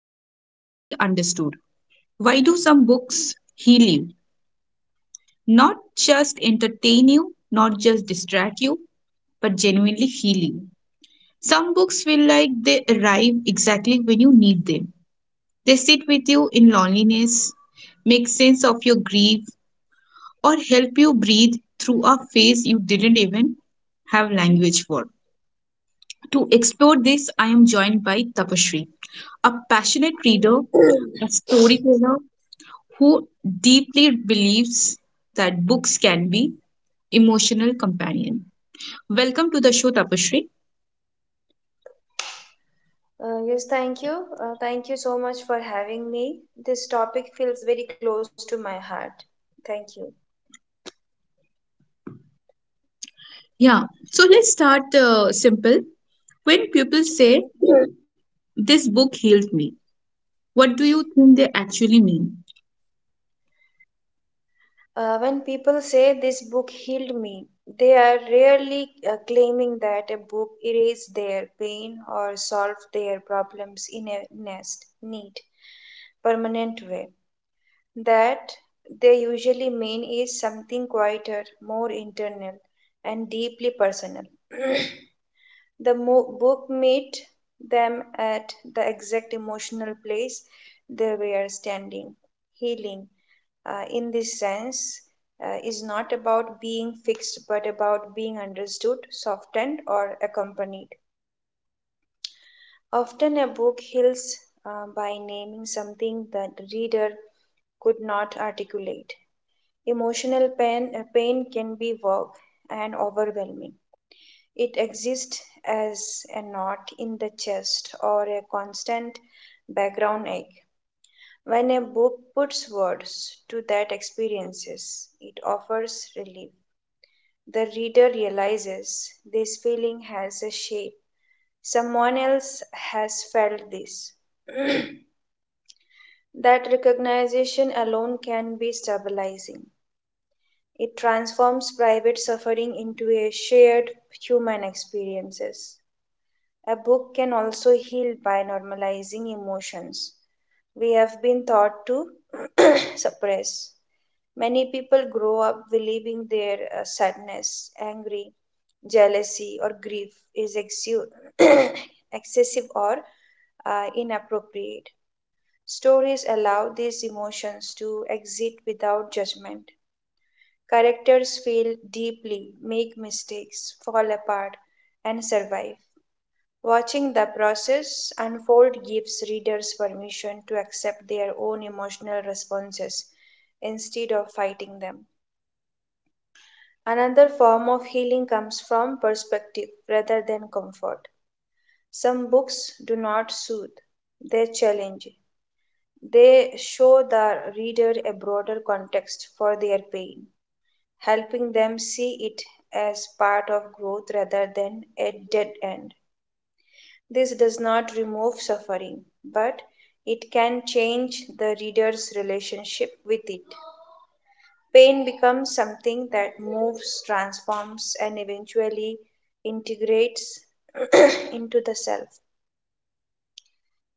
may never fully understood. Why do some books heal you? Not just entertain you, not just distract you, but genuinely heal you. Some books feel like they arrive exactly when you need them. They sit with you in loneliness, make sense of your grief, or help you breathe through a phase you didn't even have language for. To explore this, I am joined by Tapashri, a passionate reader, a storyteller who deeply believes that books can be emotional companion. Welcome to the show, Tapashri. Yes, thank you. Thank you so much for having me. This topic feels very close to my heart. Thank you. Yeah, so let's start simple. When people say, Sure. "This book healed me." What do you think they actually mean? When people say this book healed me, they are rarely claiming that a book erased their pain or solved their problems in a nest, neat, permanent way. That they usually mean is something quieter, more internal, and deeply personal. The book met them at the exact emotional place they were standing. Healing, in this sense, is not about being fixed but about being understood, softened, or accompanied. Often, a book heals by naming something the reader could not articulate. Emotional pain can be vague and overwhelming. It exists as a knot in the chest or a constant background ache. When a book puts words to that experiences, it offers relief. The reader realizes this feeling has a shape. Someone else has felt this. That recognition alone can be stabilizing. It transforms private suffering into a shared human experiences. A book can also heal by normalizing emotions we have been taught to suppress. Many people grow up believing their sadness, angry, jealousy, or grief is excessive or inappropriate. Stories allow these emotions to exist without judgment. Characters feel deeply, make mistakes, fall apart, and survive. Watching the process unfold gives readers permission to accept their own emotional responses instead of fighting them. Another form of healing comes from perspective rather than comfort. Some books do not soothe, they challenge. They show the reader a broader context for their pain, helping them see it as part of growth rather than a dead end. This does not remove suffering, but it can change the reader's relationship with it. Pain becomes something that moves, transforms, and eventually integrates into the self.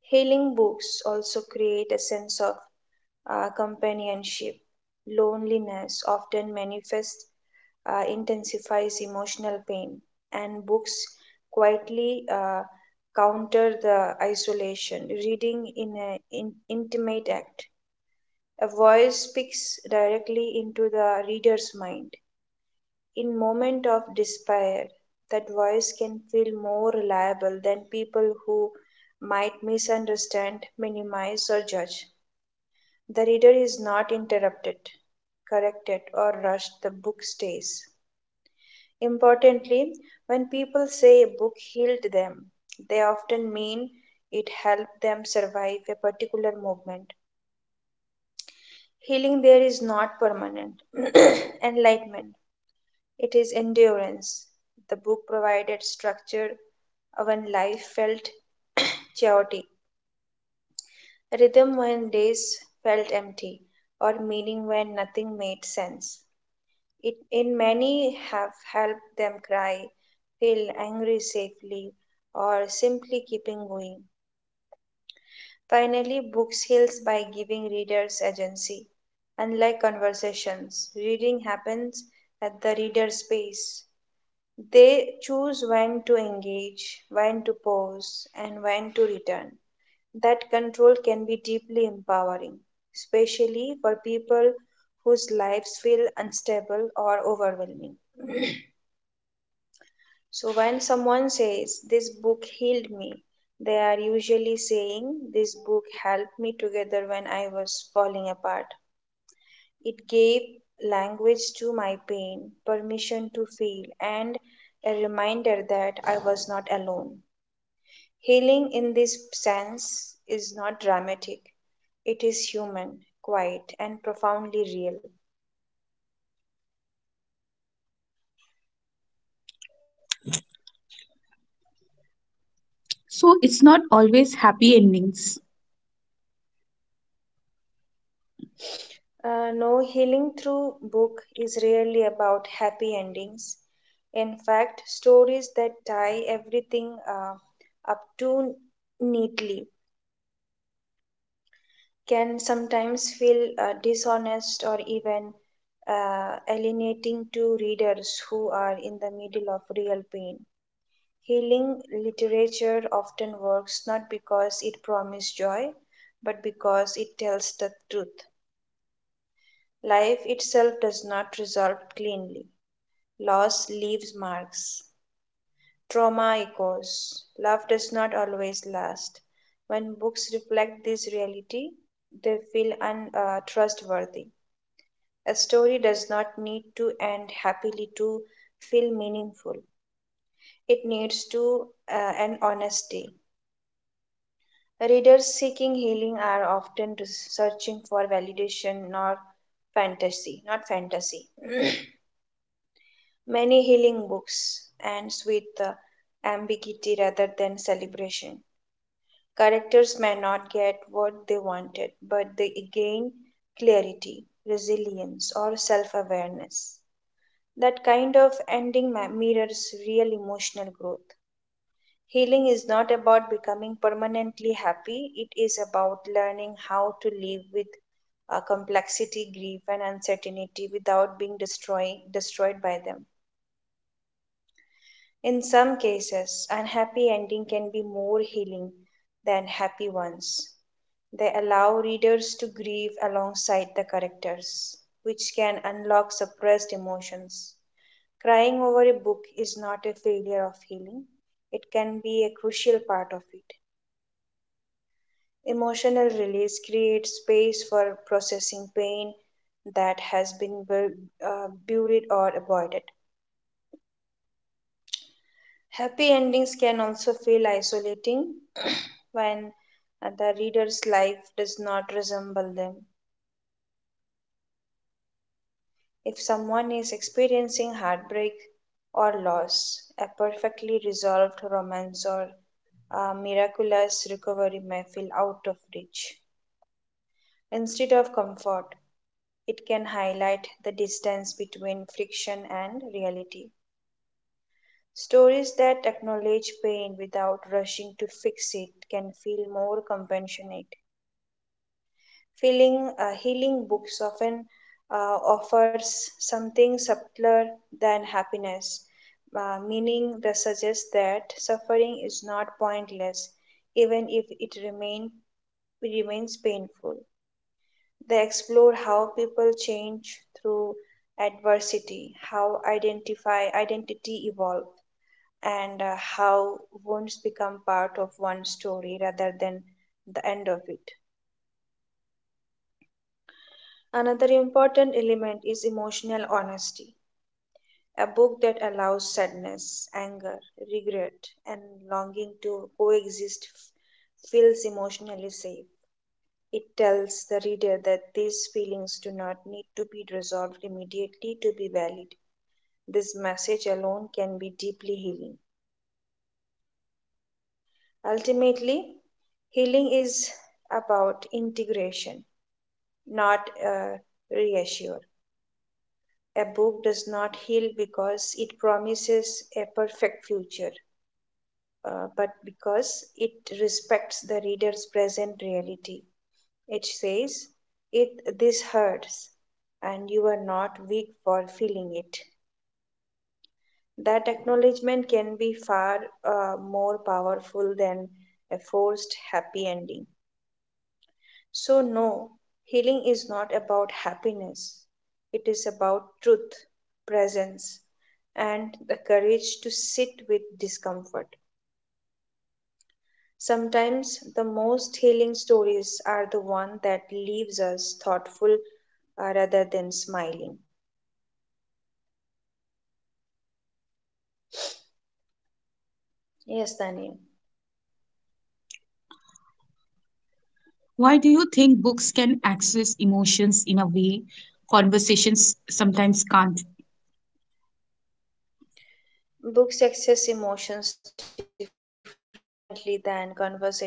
Healing books also create a sense of companionship. Loneliness often manifests, intensifies emotional pain, and books quietly counter the isolation. Reading in an intimate act, a voice speaks directly into the reader's mind. In moment of despair, that voice can feel more reliable than people who might misunderstand, minimize, or judge. The reader is not interrupted, corrected, or rushed, the book stays. Importantly, when people say a book healed them, they often mean it helped them survive a particular movement. Healing there is not permanent enlightenment, it is endurance. The book provided structure when life felt chaotic, rhythm when days felt empty, or meaning when nothing made sense. It in many have helped them cry, feel angry safely, or simply keeping going. Finally, books heals by giving readers agency. Unlike conversations, reading happens at the reader's pace. They choose when to engage, when to pause, and when to return. That control can be deeply empowering, especially for people whose lives feel unstable or overwhelming. So when someone says, "This book healed me," they are usually saying, "This book helped me together when I was falling apart. It gave language to my pain, permission to feel, and a reminder that I was not alone." Healing in this sense is not dramatic, it is human, quiet, and profoundly real. So it's not always happy endings. No, healing through book is rarely about happy endings. In fact, stories that tie everything up too neatly can sometimes feel dishonest or even alienating to readers who are in the middle of real pain. Healing literature often works not because it promises joy, but because it tells the truth. Life itself does not resolve cleanly. Loss leaves marks. Trauma echoes. Love does not always last. When books reflect this reality, they feel untrustworthy. A story does not need to end happily to feel meaningful. It needs to an honesty. Readers seeking healing are often searching for validation, not fantasy. Many healing books ends with the ambiguity rather than celebration. Characters may not get what they wanted, but they gain clarity, resilience, or self awareness. That kind of ending mirrors real emotional growth. Healing is not about becoming permanently happy, it is about learning how to live with complexity, grief, and uncertainty without being destroyed by them. In some cases, unhappy endings can be more healing than happy ones. They allow readers to grieve alongside the characters, which can unlock suppressed emotions. Crying over a book is not a failure of healing, it can be a crucial part of it. Emotional release creates space for processing pain that has been buried or avoided. Happy endings can also feel isolating when the reader's life does not resemble them. If someone is experiencing heartbreak or loss, a perfectly resolved romance or a miraculous recovery may feel out of reach. Instead of comfort, it can highlight the distance between fiction and reality. Stories that acknowledge pain without rushing to fix it can feel more compassionate. Feeling healing books often offers something subtler than happiness, meaning that suggests that suffering is not pointless, even if it remains painful. They explore how people change through adversity, how identify identity evolve, and how wounds become part of one story rather than the end of it. Another important element is emotional honesty, a book that allows sadness, anger, regret, and longing to coexist feels emotionally safe. It tells the reader that these feelings do not need to be resolved immediately to be valid. This message alone can be deeply healing. Ultimately, healing is about integration, not reassurance. A book does not heal because it promises a perfect future, but because it respects the reader's present reality. It says, "This hurts, and you are not weak for feeling it." That acknowledgement can be far more powerful than a forced happy ending. So, no, healing is not about happiness. It is about truth, presence, and the courage to sit with discomfort. Sometimes the most healing stories are the one that leaves us thoughtful rather than smiling. Yes, Tanya. Why do you think books can access emotions in a way conversations sometimes can't? Books access emotions differently than conversation because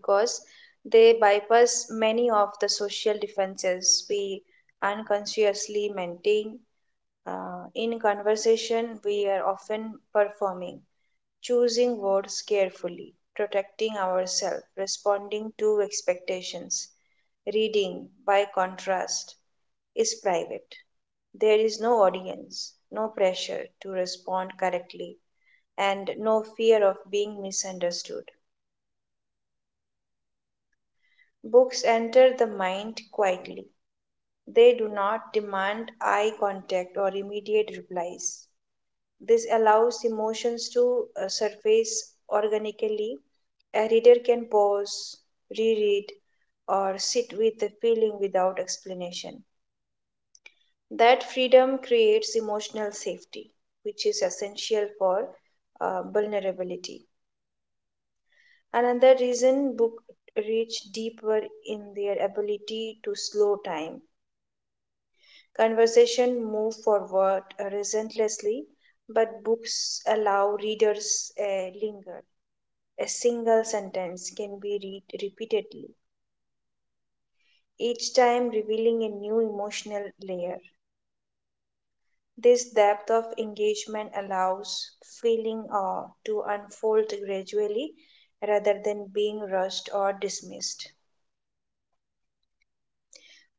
they bypass many of the social defenses we unconsciously maintain. In conversation, we are often performing, choosing words carefully, protecting ourselves, responding to expectations. Reading, by contrast, is private. There is no audience, no pressure to respond correctly, and no fear of being misunderstood. Books enter the mind quietly. They do not demand eye contact or immediate replies. This allows emotions to surface organically. A reader can pause, reread, or sit with the feeling without explanation. That freedom creates emotional safety, which is essential for vulnerability. Another reason books reach deeper in their ability to slow time. Conversation move forward relentlessly, but books allow readers linger. A single sentence can be read repeatedly, each time revealing a new emotional layer. This depth of engagement allows feeling awe to unfold gradually rather than being rushed or dismissed.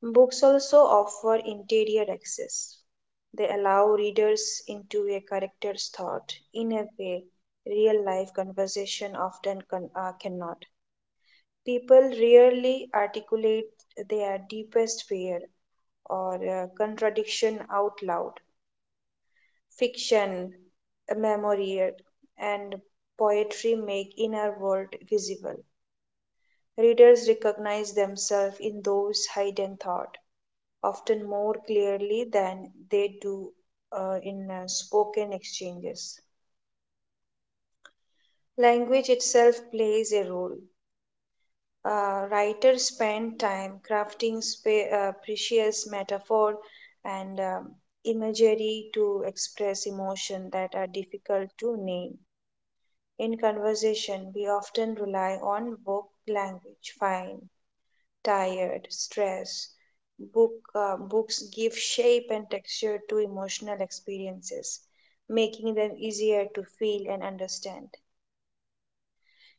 Books also offer interior access. They allow readers into a character's thought in a way real life conversation often cannot. People rarely articulate their deepest fear or contradiction out loud. Fiction, memoir, and poetry make inner world visible. Readers recognize themselves in those hidden thought, often more clearly than they do in spoken exchanges. Language itself plays a role. Writers spend time crafting precious metaphor and imagery to express emotion that are difficult to name. In conversation, we often rely on book language, fine, tired, stress. Books give shape and texture to emotional experiences, making them easier to feel and understand.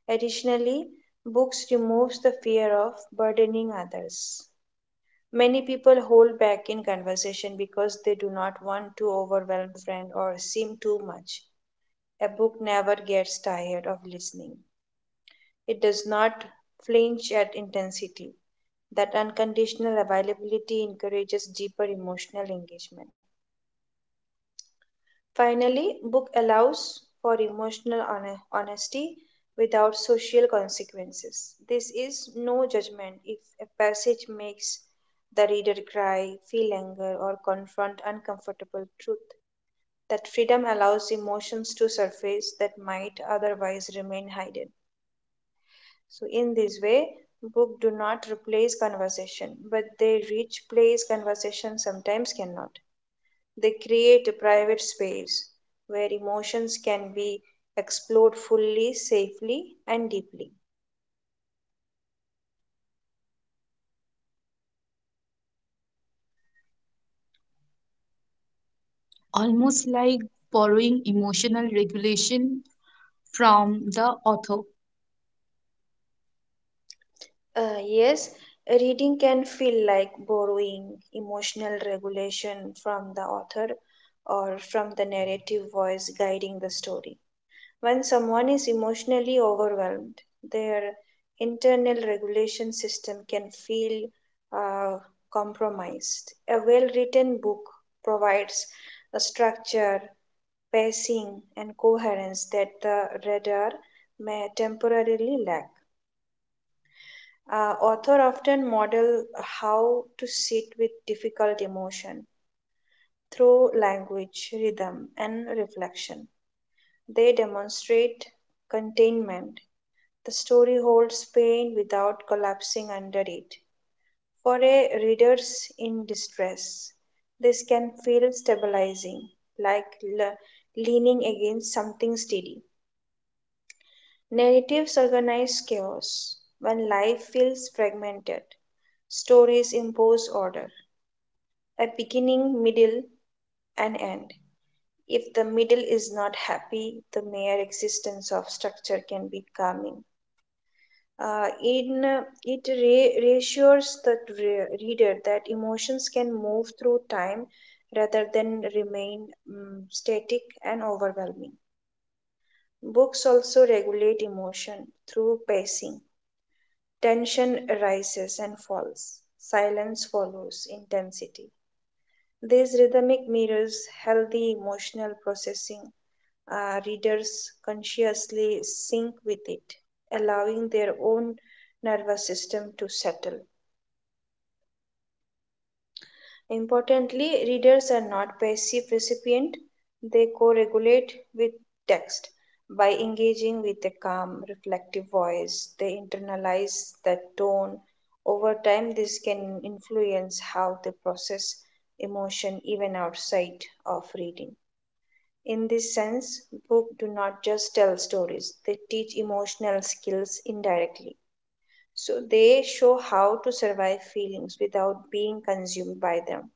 Additionally, books removes the fear of burdening others. Many people hold back in conversation because they do not want to overwhelm friend or seem too much. A book never gets tired of listening. It does not flinch at intensity. That unconditional availability encourages deeper emotional engagement. Finally, book allows for emotional honesty without social consequences. This is no judgment if a passage makes the reader cry, feel anger, or confront uncomfortable truth. That freedom allows emotions to surface that might otherwise remain hidden. So in this way, book do not replace conversation, but they reach place conversation sometimes cannot. They create a private space where emotions can be explored fully, safely, and deeply. Almost like borrowing emotional regulation from the author. Yes, reading can feel like borrowing emotional regulation from the author or from the narrative voice guiding the story. When someone is emotionally overwhelmed, their internal regulation system can feel uh, compromised. A well written book provides a structure pacing and coherence that the radar may temporarily lack. Author often model how to sit with difficult emotion through language, rhythm, and reflection. They demonstrate containment. The story holds pain without collapsing under it. For a readers in distress, this can feel stabilizing, like le- leaning against something steady. Narratives organize chaos when life feels fragmented. Stories impose order, a beginning, middle, and end. If the middle is not happy, the mere existence of structure can be calming. It reassures the reader that emotions can move through time rather than remain static and overwhelming. Books also regulate emotion through pacing. Tension rises and falls. Silence follows intensity. These rhythmic mirrors healthy emotional processing. Readers consciously sync with it, allowing their own nervous system to settle. Importantly, readers are not passive recipients; they co-regulate with text. By engaging with a calm, reflective voice, they internalize that tone. Over time, this can influence how they process emotion even outside of reading. In this sense, books do not just tell stories, they teach emotional skills indirectly. So they show how to survive feelings without being consumed by them,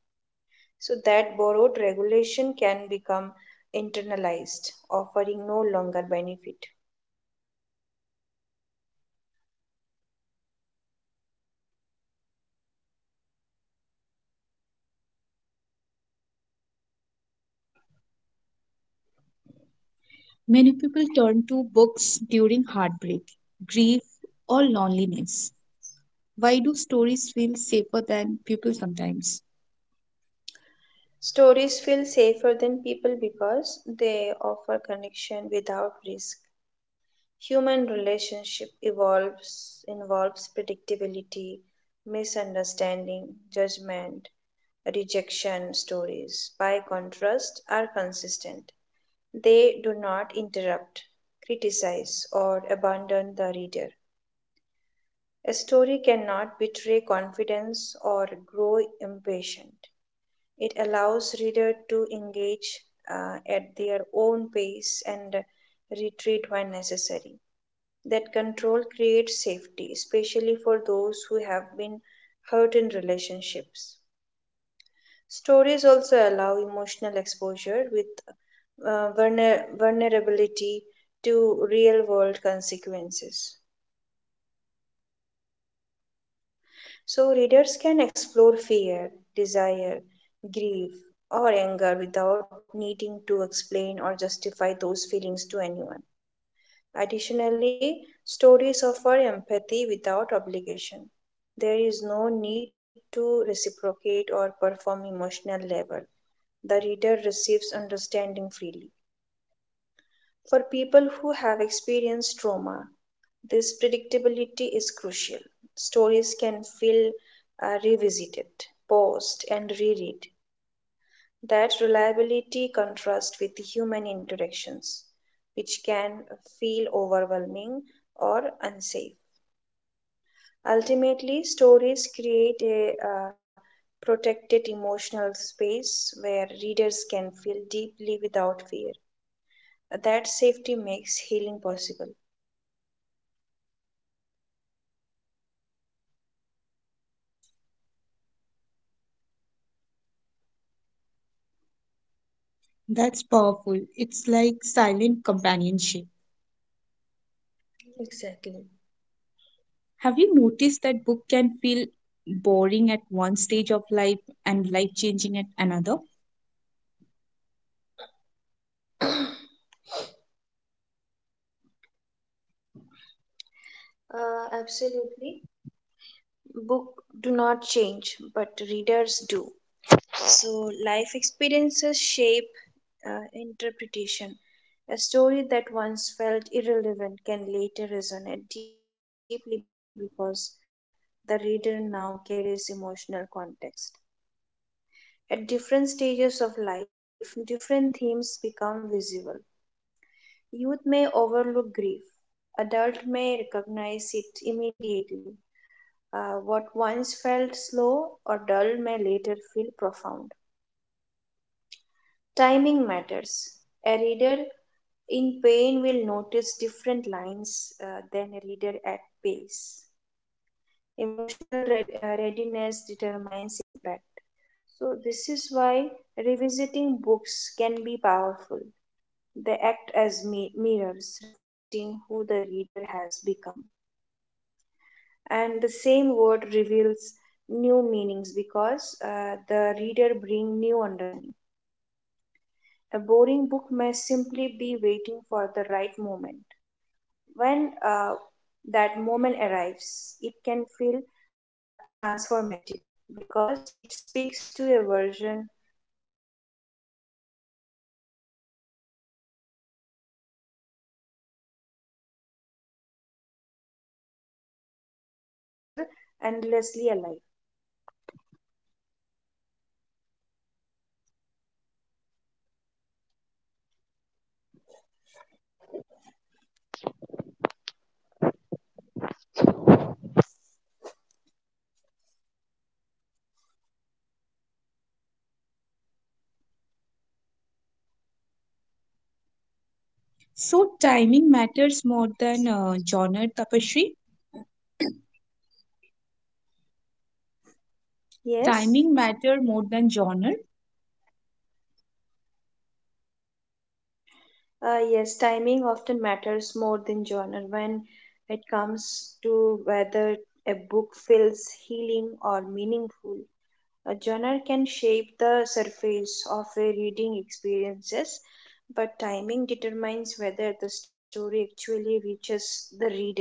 so that borrowed regulation can become internalized, offering no longer benefit. Many people turn to books during heartbreak, grief, or loneliness. Why do stories feel safer than people sometimes? Stories feel safer than people because they offer connection without risk. Human relationship evolves involves predictability, misunderstanding, judgment, rejection. Stories, by contrast, are consistent. They do not interrupt, criticize or abandon the reader. A story cannot betray confidence or grow impatient. It allows reader to engage at their own pace and retreat when necessary. That control creates safety, especially for those who have been hurt in relationships. Stories also allow emotional exposure with vulnerability to real world consequences. So readers can explore fear, desire, grief, or anger without needing to explain or justify those feelings to anyone. Additionally, stories offer empathy without obligation. There is no need to reciprocate or perform emotional labor. The reader receives understanding freely. For people who have experienced trauma, this predictability is crucial. Stories can feel revisited, paused, and reread. That reliability contrasts with human interactions, which can feel overwhelming or unsafe. Ultimately, stories create a protected emotional space where readers can feel deeply without fear. That safety makes healing possible. That's powerful. It's like silent companionship. Exactly. Have you noticed that book can feel boring at one stage of life and life changing at another? Absolutely. Book do not change, but readers do. So life experiences shape interpretation. A story that once felt irrelevant can later resonate deeply because the reader now carries emotional context. At different stages of life, different themes become visible. Youth may overlook grief, adult may recognize it immediately. What once felt slow or dull may later feel profound. Timing matters. A reader in pain will notice different lines than a reader at pace. Emotional readiness determines impact. So, this is why revisiting books can be powerful. They act as mirrors reflecting who the reader has become. And the same word reveals new meanings because the reader brings new understanding. A boring book may simply be waiting for the right moment. When that moment arrives, it can feel transformative because it speaks to a version of the reader that did not yet exist. So, this fluid relationship between reader and text is what makes literature endlessly alive. So timing matters more than genre tapestry. Yes, Timing matter more than genre. yes, timing often matters more than genre when it comes to whether a book feels healing or meaningful. A genre can shape the surface of a reading experiences, but timing determines whether the story actually reaches the reader.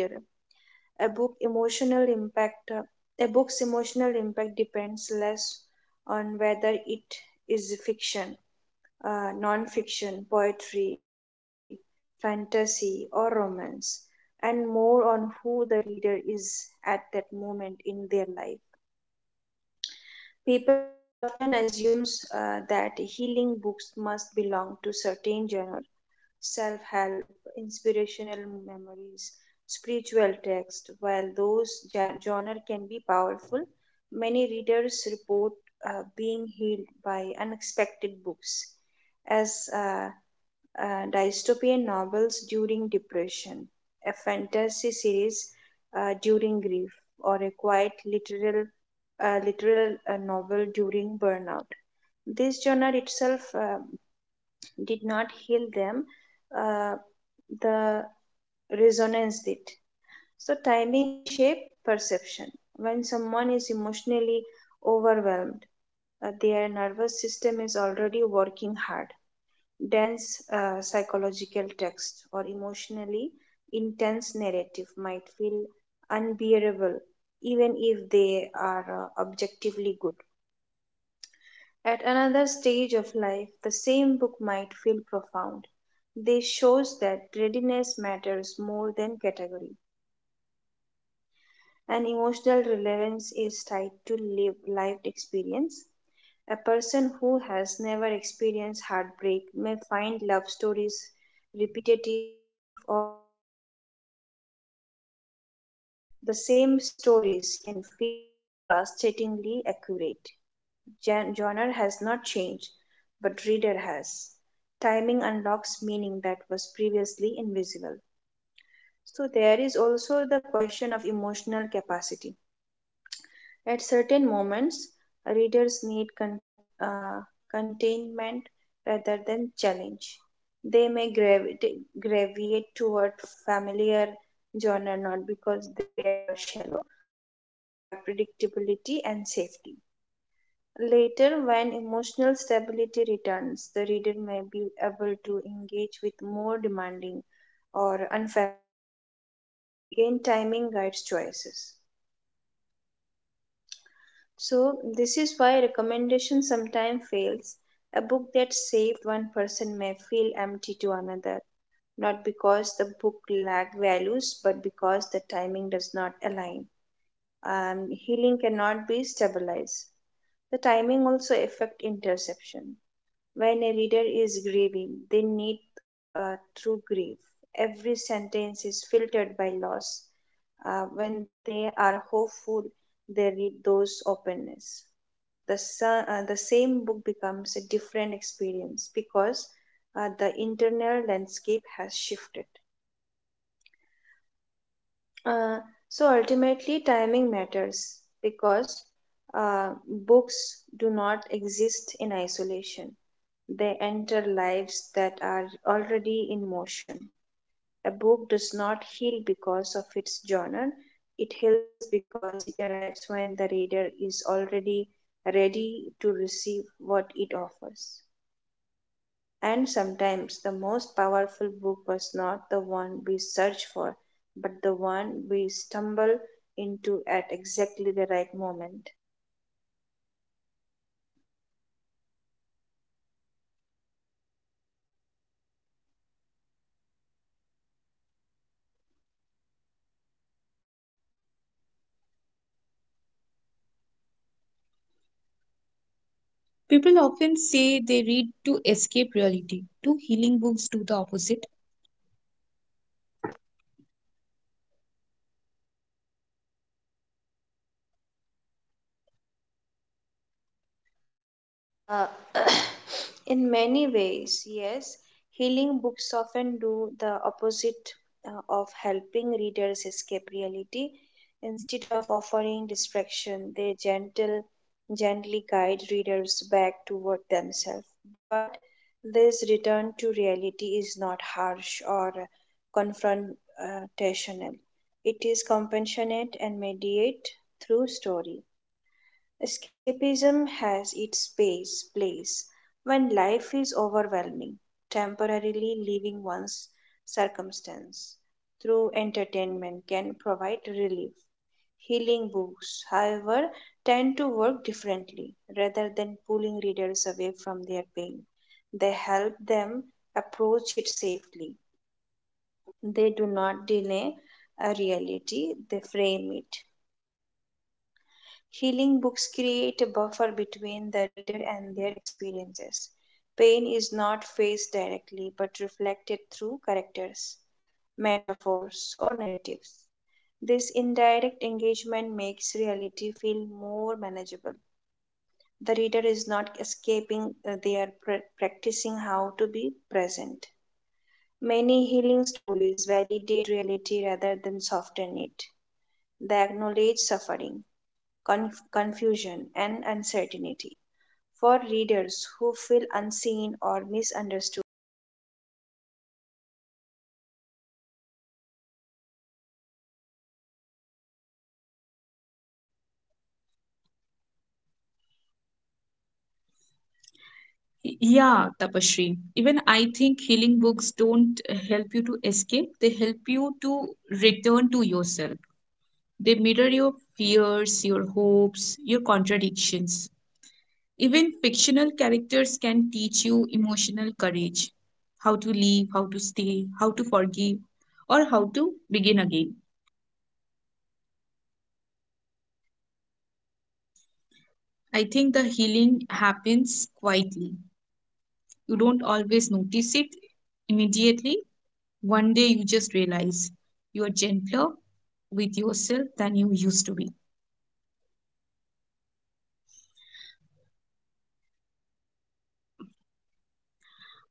A book emotional impact a book's emotional impact depends less on whether it is fiction, non-fiction, poetry, fantasy, or romance, and more on who the reader is at that moment in their life. People often assumes that healing books must belong to certain genre, self-help, inspirational memories, spiritual text. While those genre can be powerful, many readers report being healed by unexpected books, as dystopian novels during depression, a fantasy series during grief, or a quiet literal novel during burnout. This genre itself did not heal them; uh, the resonance did. So timing shape perception. When someone is emotionally overwhelmed, their nervous system is already working hard. Dense psychological text or emotionally intense narrative might feel unbearable even if they are objectively good. At another stage of life, the same book might feel profound. This shows that readiness matters more than category, and emotional relevance is tied to lived experience. A person who has never experienced heartbreak may find love stories repetitive or dramatic. After heartbreak, the same stories can feel devastatingly accurate. Genre has not changed, but reader has. Timing unlocks meaning that was previously invisible. So, there is also the question of emotional capacity. At certain moments, readers need containment rather than challenge. They may gravitate toward familiar genre not because they are shallow, but because they are predictability and safety. Later, when emotional stability returns, the reader may be able to engage with more demanding or unfamiliar genre. Again, timing guides choices. So this is why recommendation sometimes fails. A book that saved one person may feel empty to another, not because the book lacked values, but because the timing does not align. Healing cannot be stabilized. The timing also affect interception. When a reader is grieving, they need true grief. Every sentence is filtered by loss. When they are hopeful, they read those openness, the same book becomes a different experience because the internal landscape has shifted. Uh, so ultimately, timing matters because books do not exist in isolation. They enter lives that are already in motion. A book does not heal because of its genre, it heals because it arrives when the reader is already ready to receive what it offers. And sometimes the most powerful book was not the one we search for, but the one we stumble into at exactly the right moment. People often say they read to escape reality. Do healing books do the opposite? Uh, in many ways, yes, healing books often do the opposite of helping readers escape reality. Instead of offering distraction, they gently guide readers back toward themselves. But this return to reality is not harsh or confrontational. It is compassionate and mediate through story. Escapism has its place when life is overwhelming, temporarily leaving one's circumstance through entertainment can provide relief. Healing books, however, tend to work differently rather than pulling readers away from their pain. They help them approach it safely. They do not deny a reality, they frame it. Healing books create a buffer between the reader and their experiences. Pain is not faced directly but reflected through characters, metaphors, or narratives. This indirect engagement makes reality feel more manageable. The reader is not escaping, they are practicing how to be present. Many healing stories validate reality rather than soften it. They acknowledge suffering, confusion, and uncertainty. For readers who feel unseen or misunderstood, this recognition can be grounding. So instead of pretending everything is fine, the book says, "Yes, this is hard, and that does Yeah, not mean you Tapashri. are Even broken." I think healing So, books healing don't help books you to often escape. They slow help you reality to down. return to Life yourself. moves They relentlessly, but mirror your stories pause fears, moment, your hopes, your stretch contradictions. emotions, and allow Even reflection. fictional characters This can teach slowness you helps emotional courage, readers how to process leave, how to experiences stay, how that to daily forgive, life does not or give how to them begin time to again. understand. And rather than offering fantasy solution, I think the healing healing books happens tend to offer quietly. emotional truth. You don't They do always not notice promise it that pain will immediately. disappear. One They day you show just how realize people live you are gentler alongside it. with That yourself than you realism can used to be be. comforting; it removes the pressure to fix everything immediately.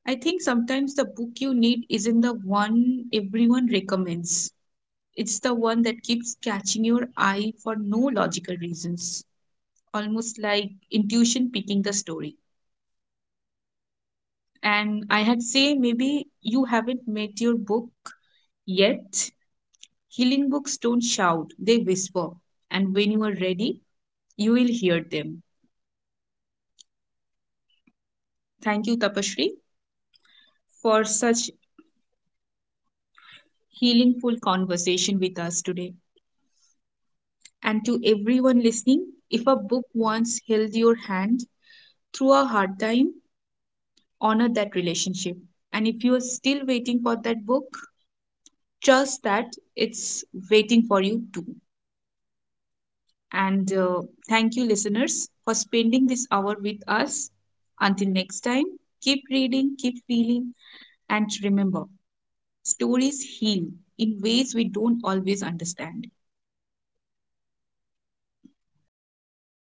I So, think sometimes the interestingly, book you need by isn't the facing one reality in everyone this recommends. Mediate way, It's the one that keeps readers often catching your feel eye less for no overwhelmed. logical reasons, Avoidance can almost like intuition intensify picking the story. pain over time. Healing books And I had help say maybe readers you stay haven't met connected your to book reality without being yet. consumed by it. Healing books don't shout, So they while whisper. some And books when you are helps us ready, escape, you will hear healing them. books help us return. They do not demand Thank you, Tapashri, confrontation. They invite for such understanding. In doing so, they transform healingful reality conversation with from us today. something threatening into something And to survivable. everyone listening, if a book once held your hand through a hard time, honor that relationship. And if you are still waiting for that book, trust that it's waiting for you too. And thank you, listeners, for spending this hour with us. Until next time, keep reading, keep feeling, and remember stories heal in ways we don't always understand. Tania,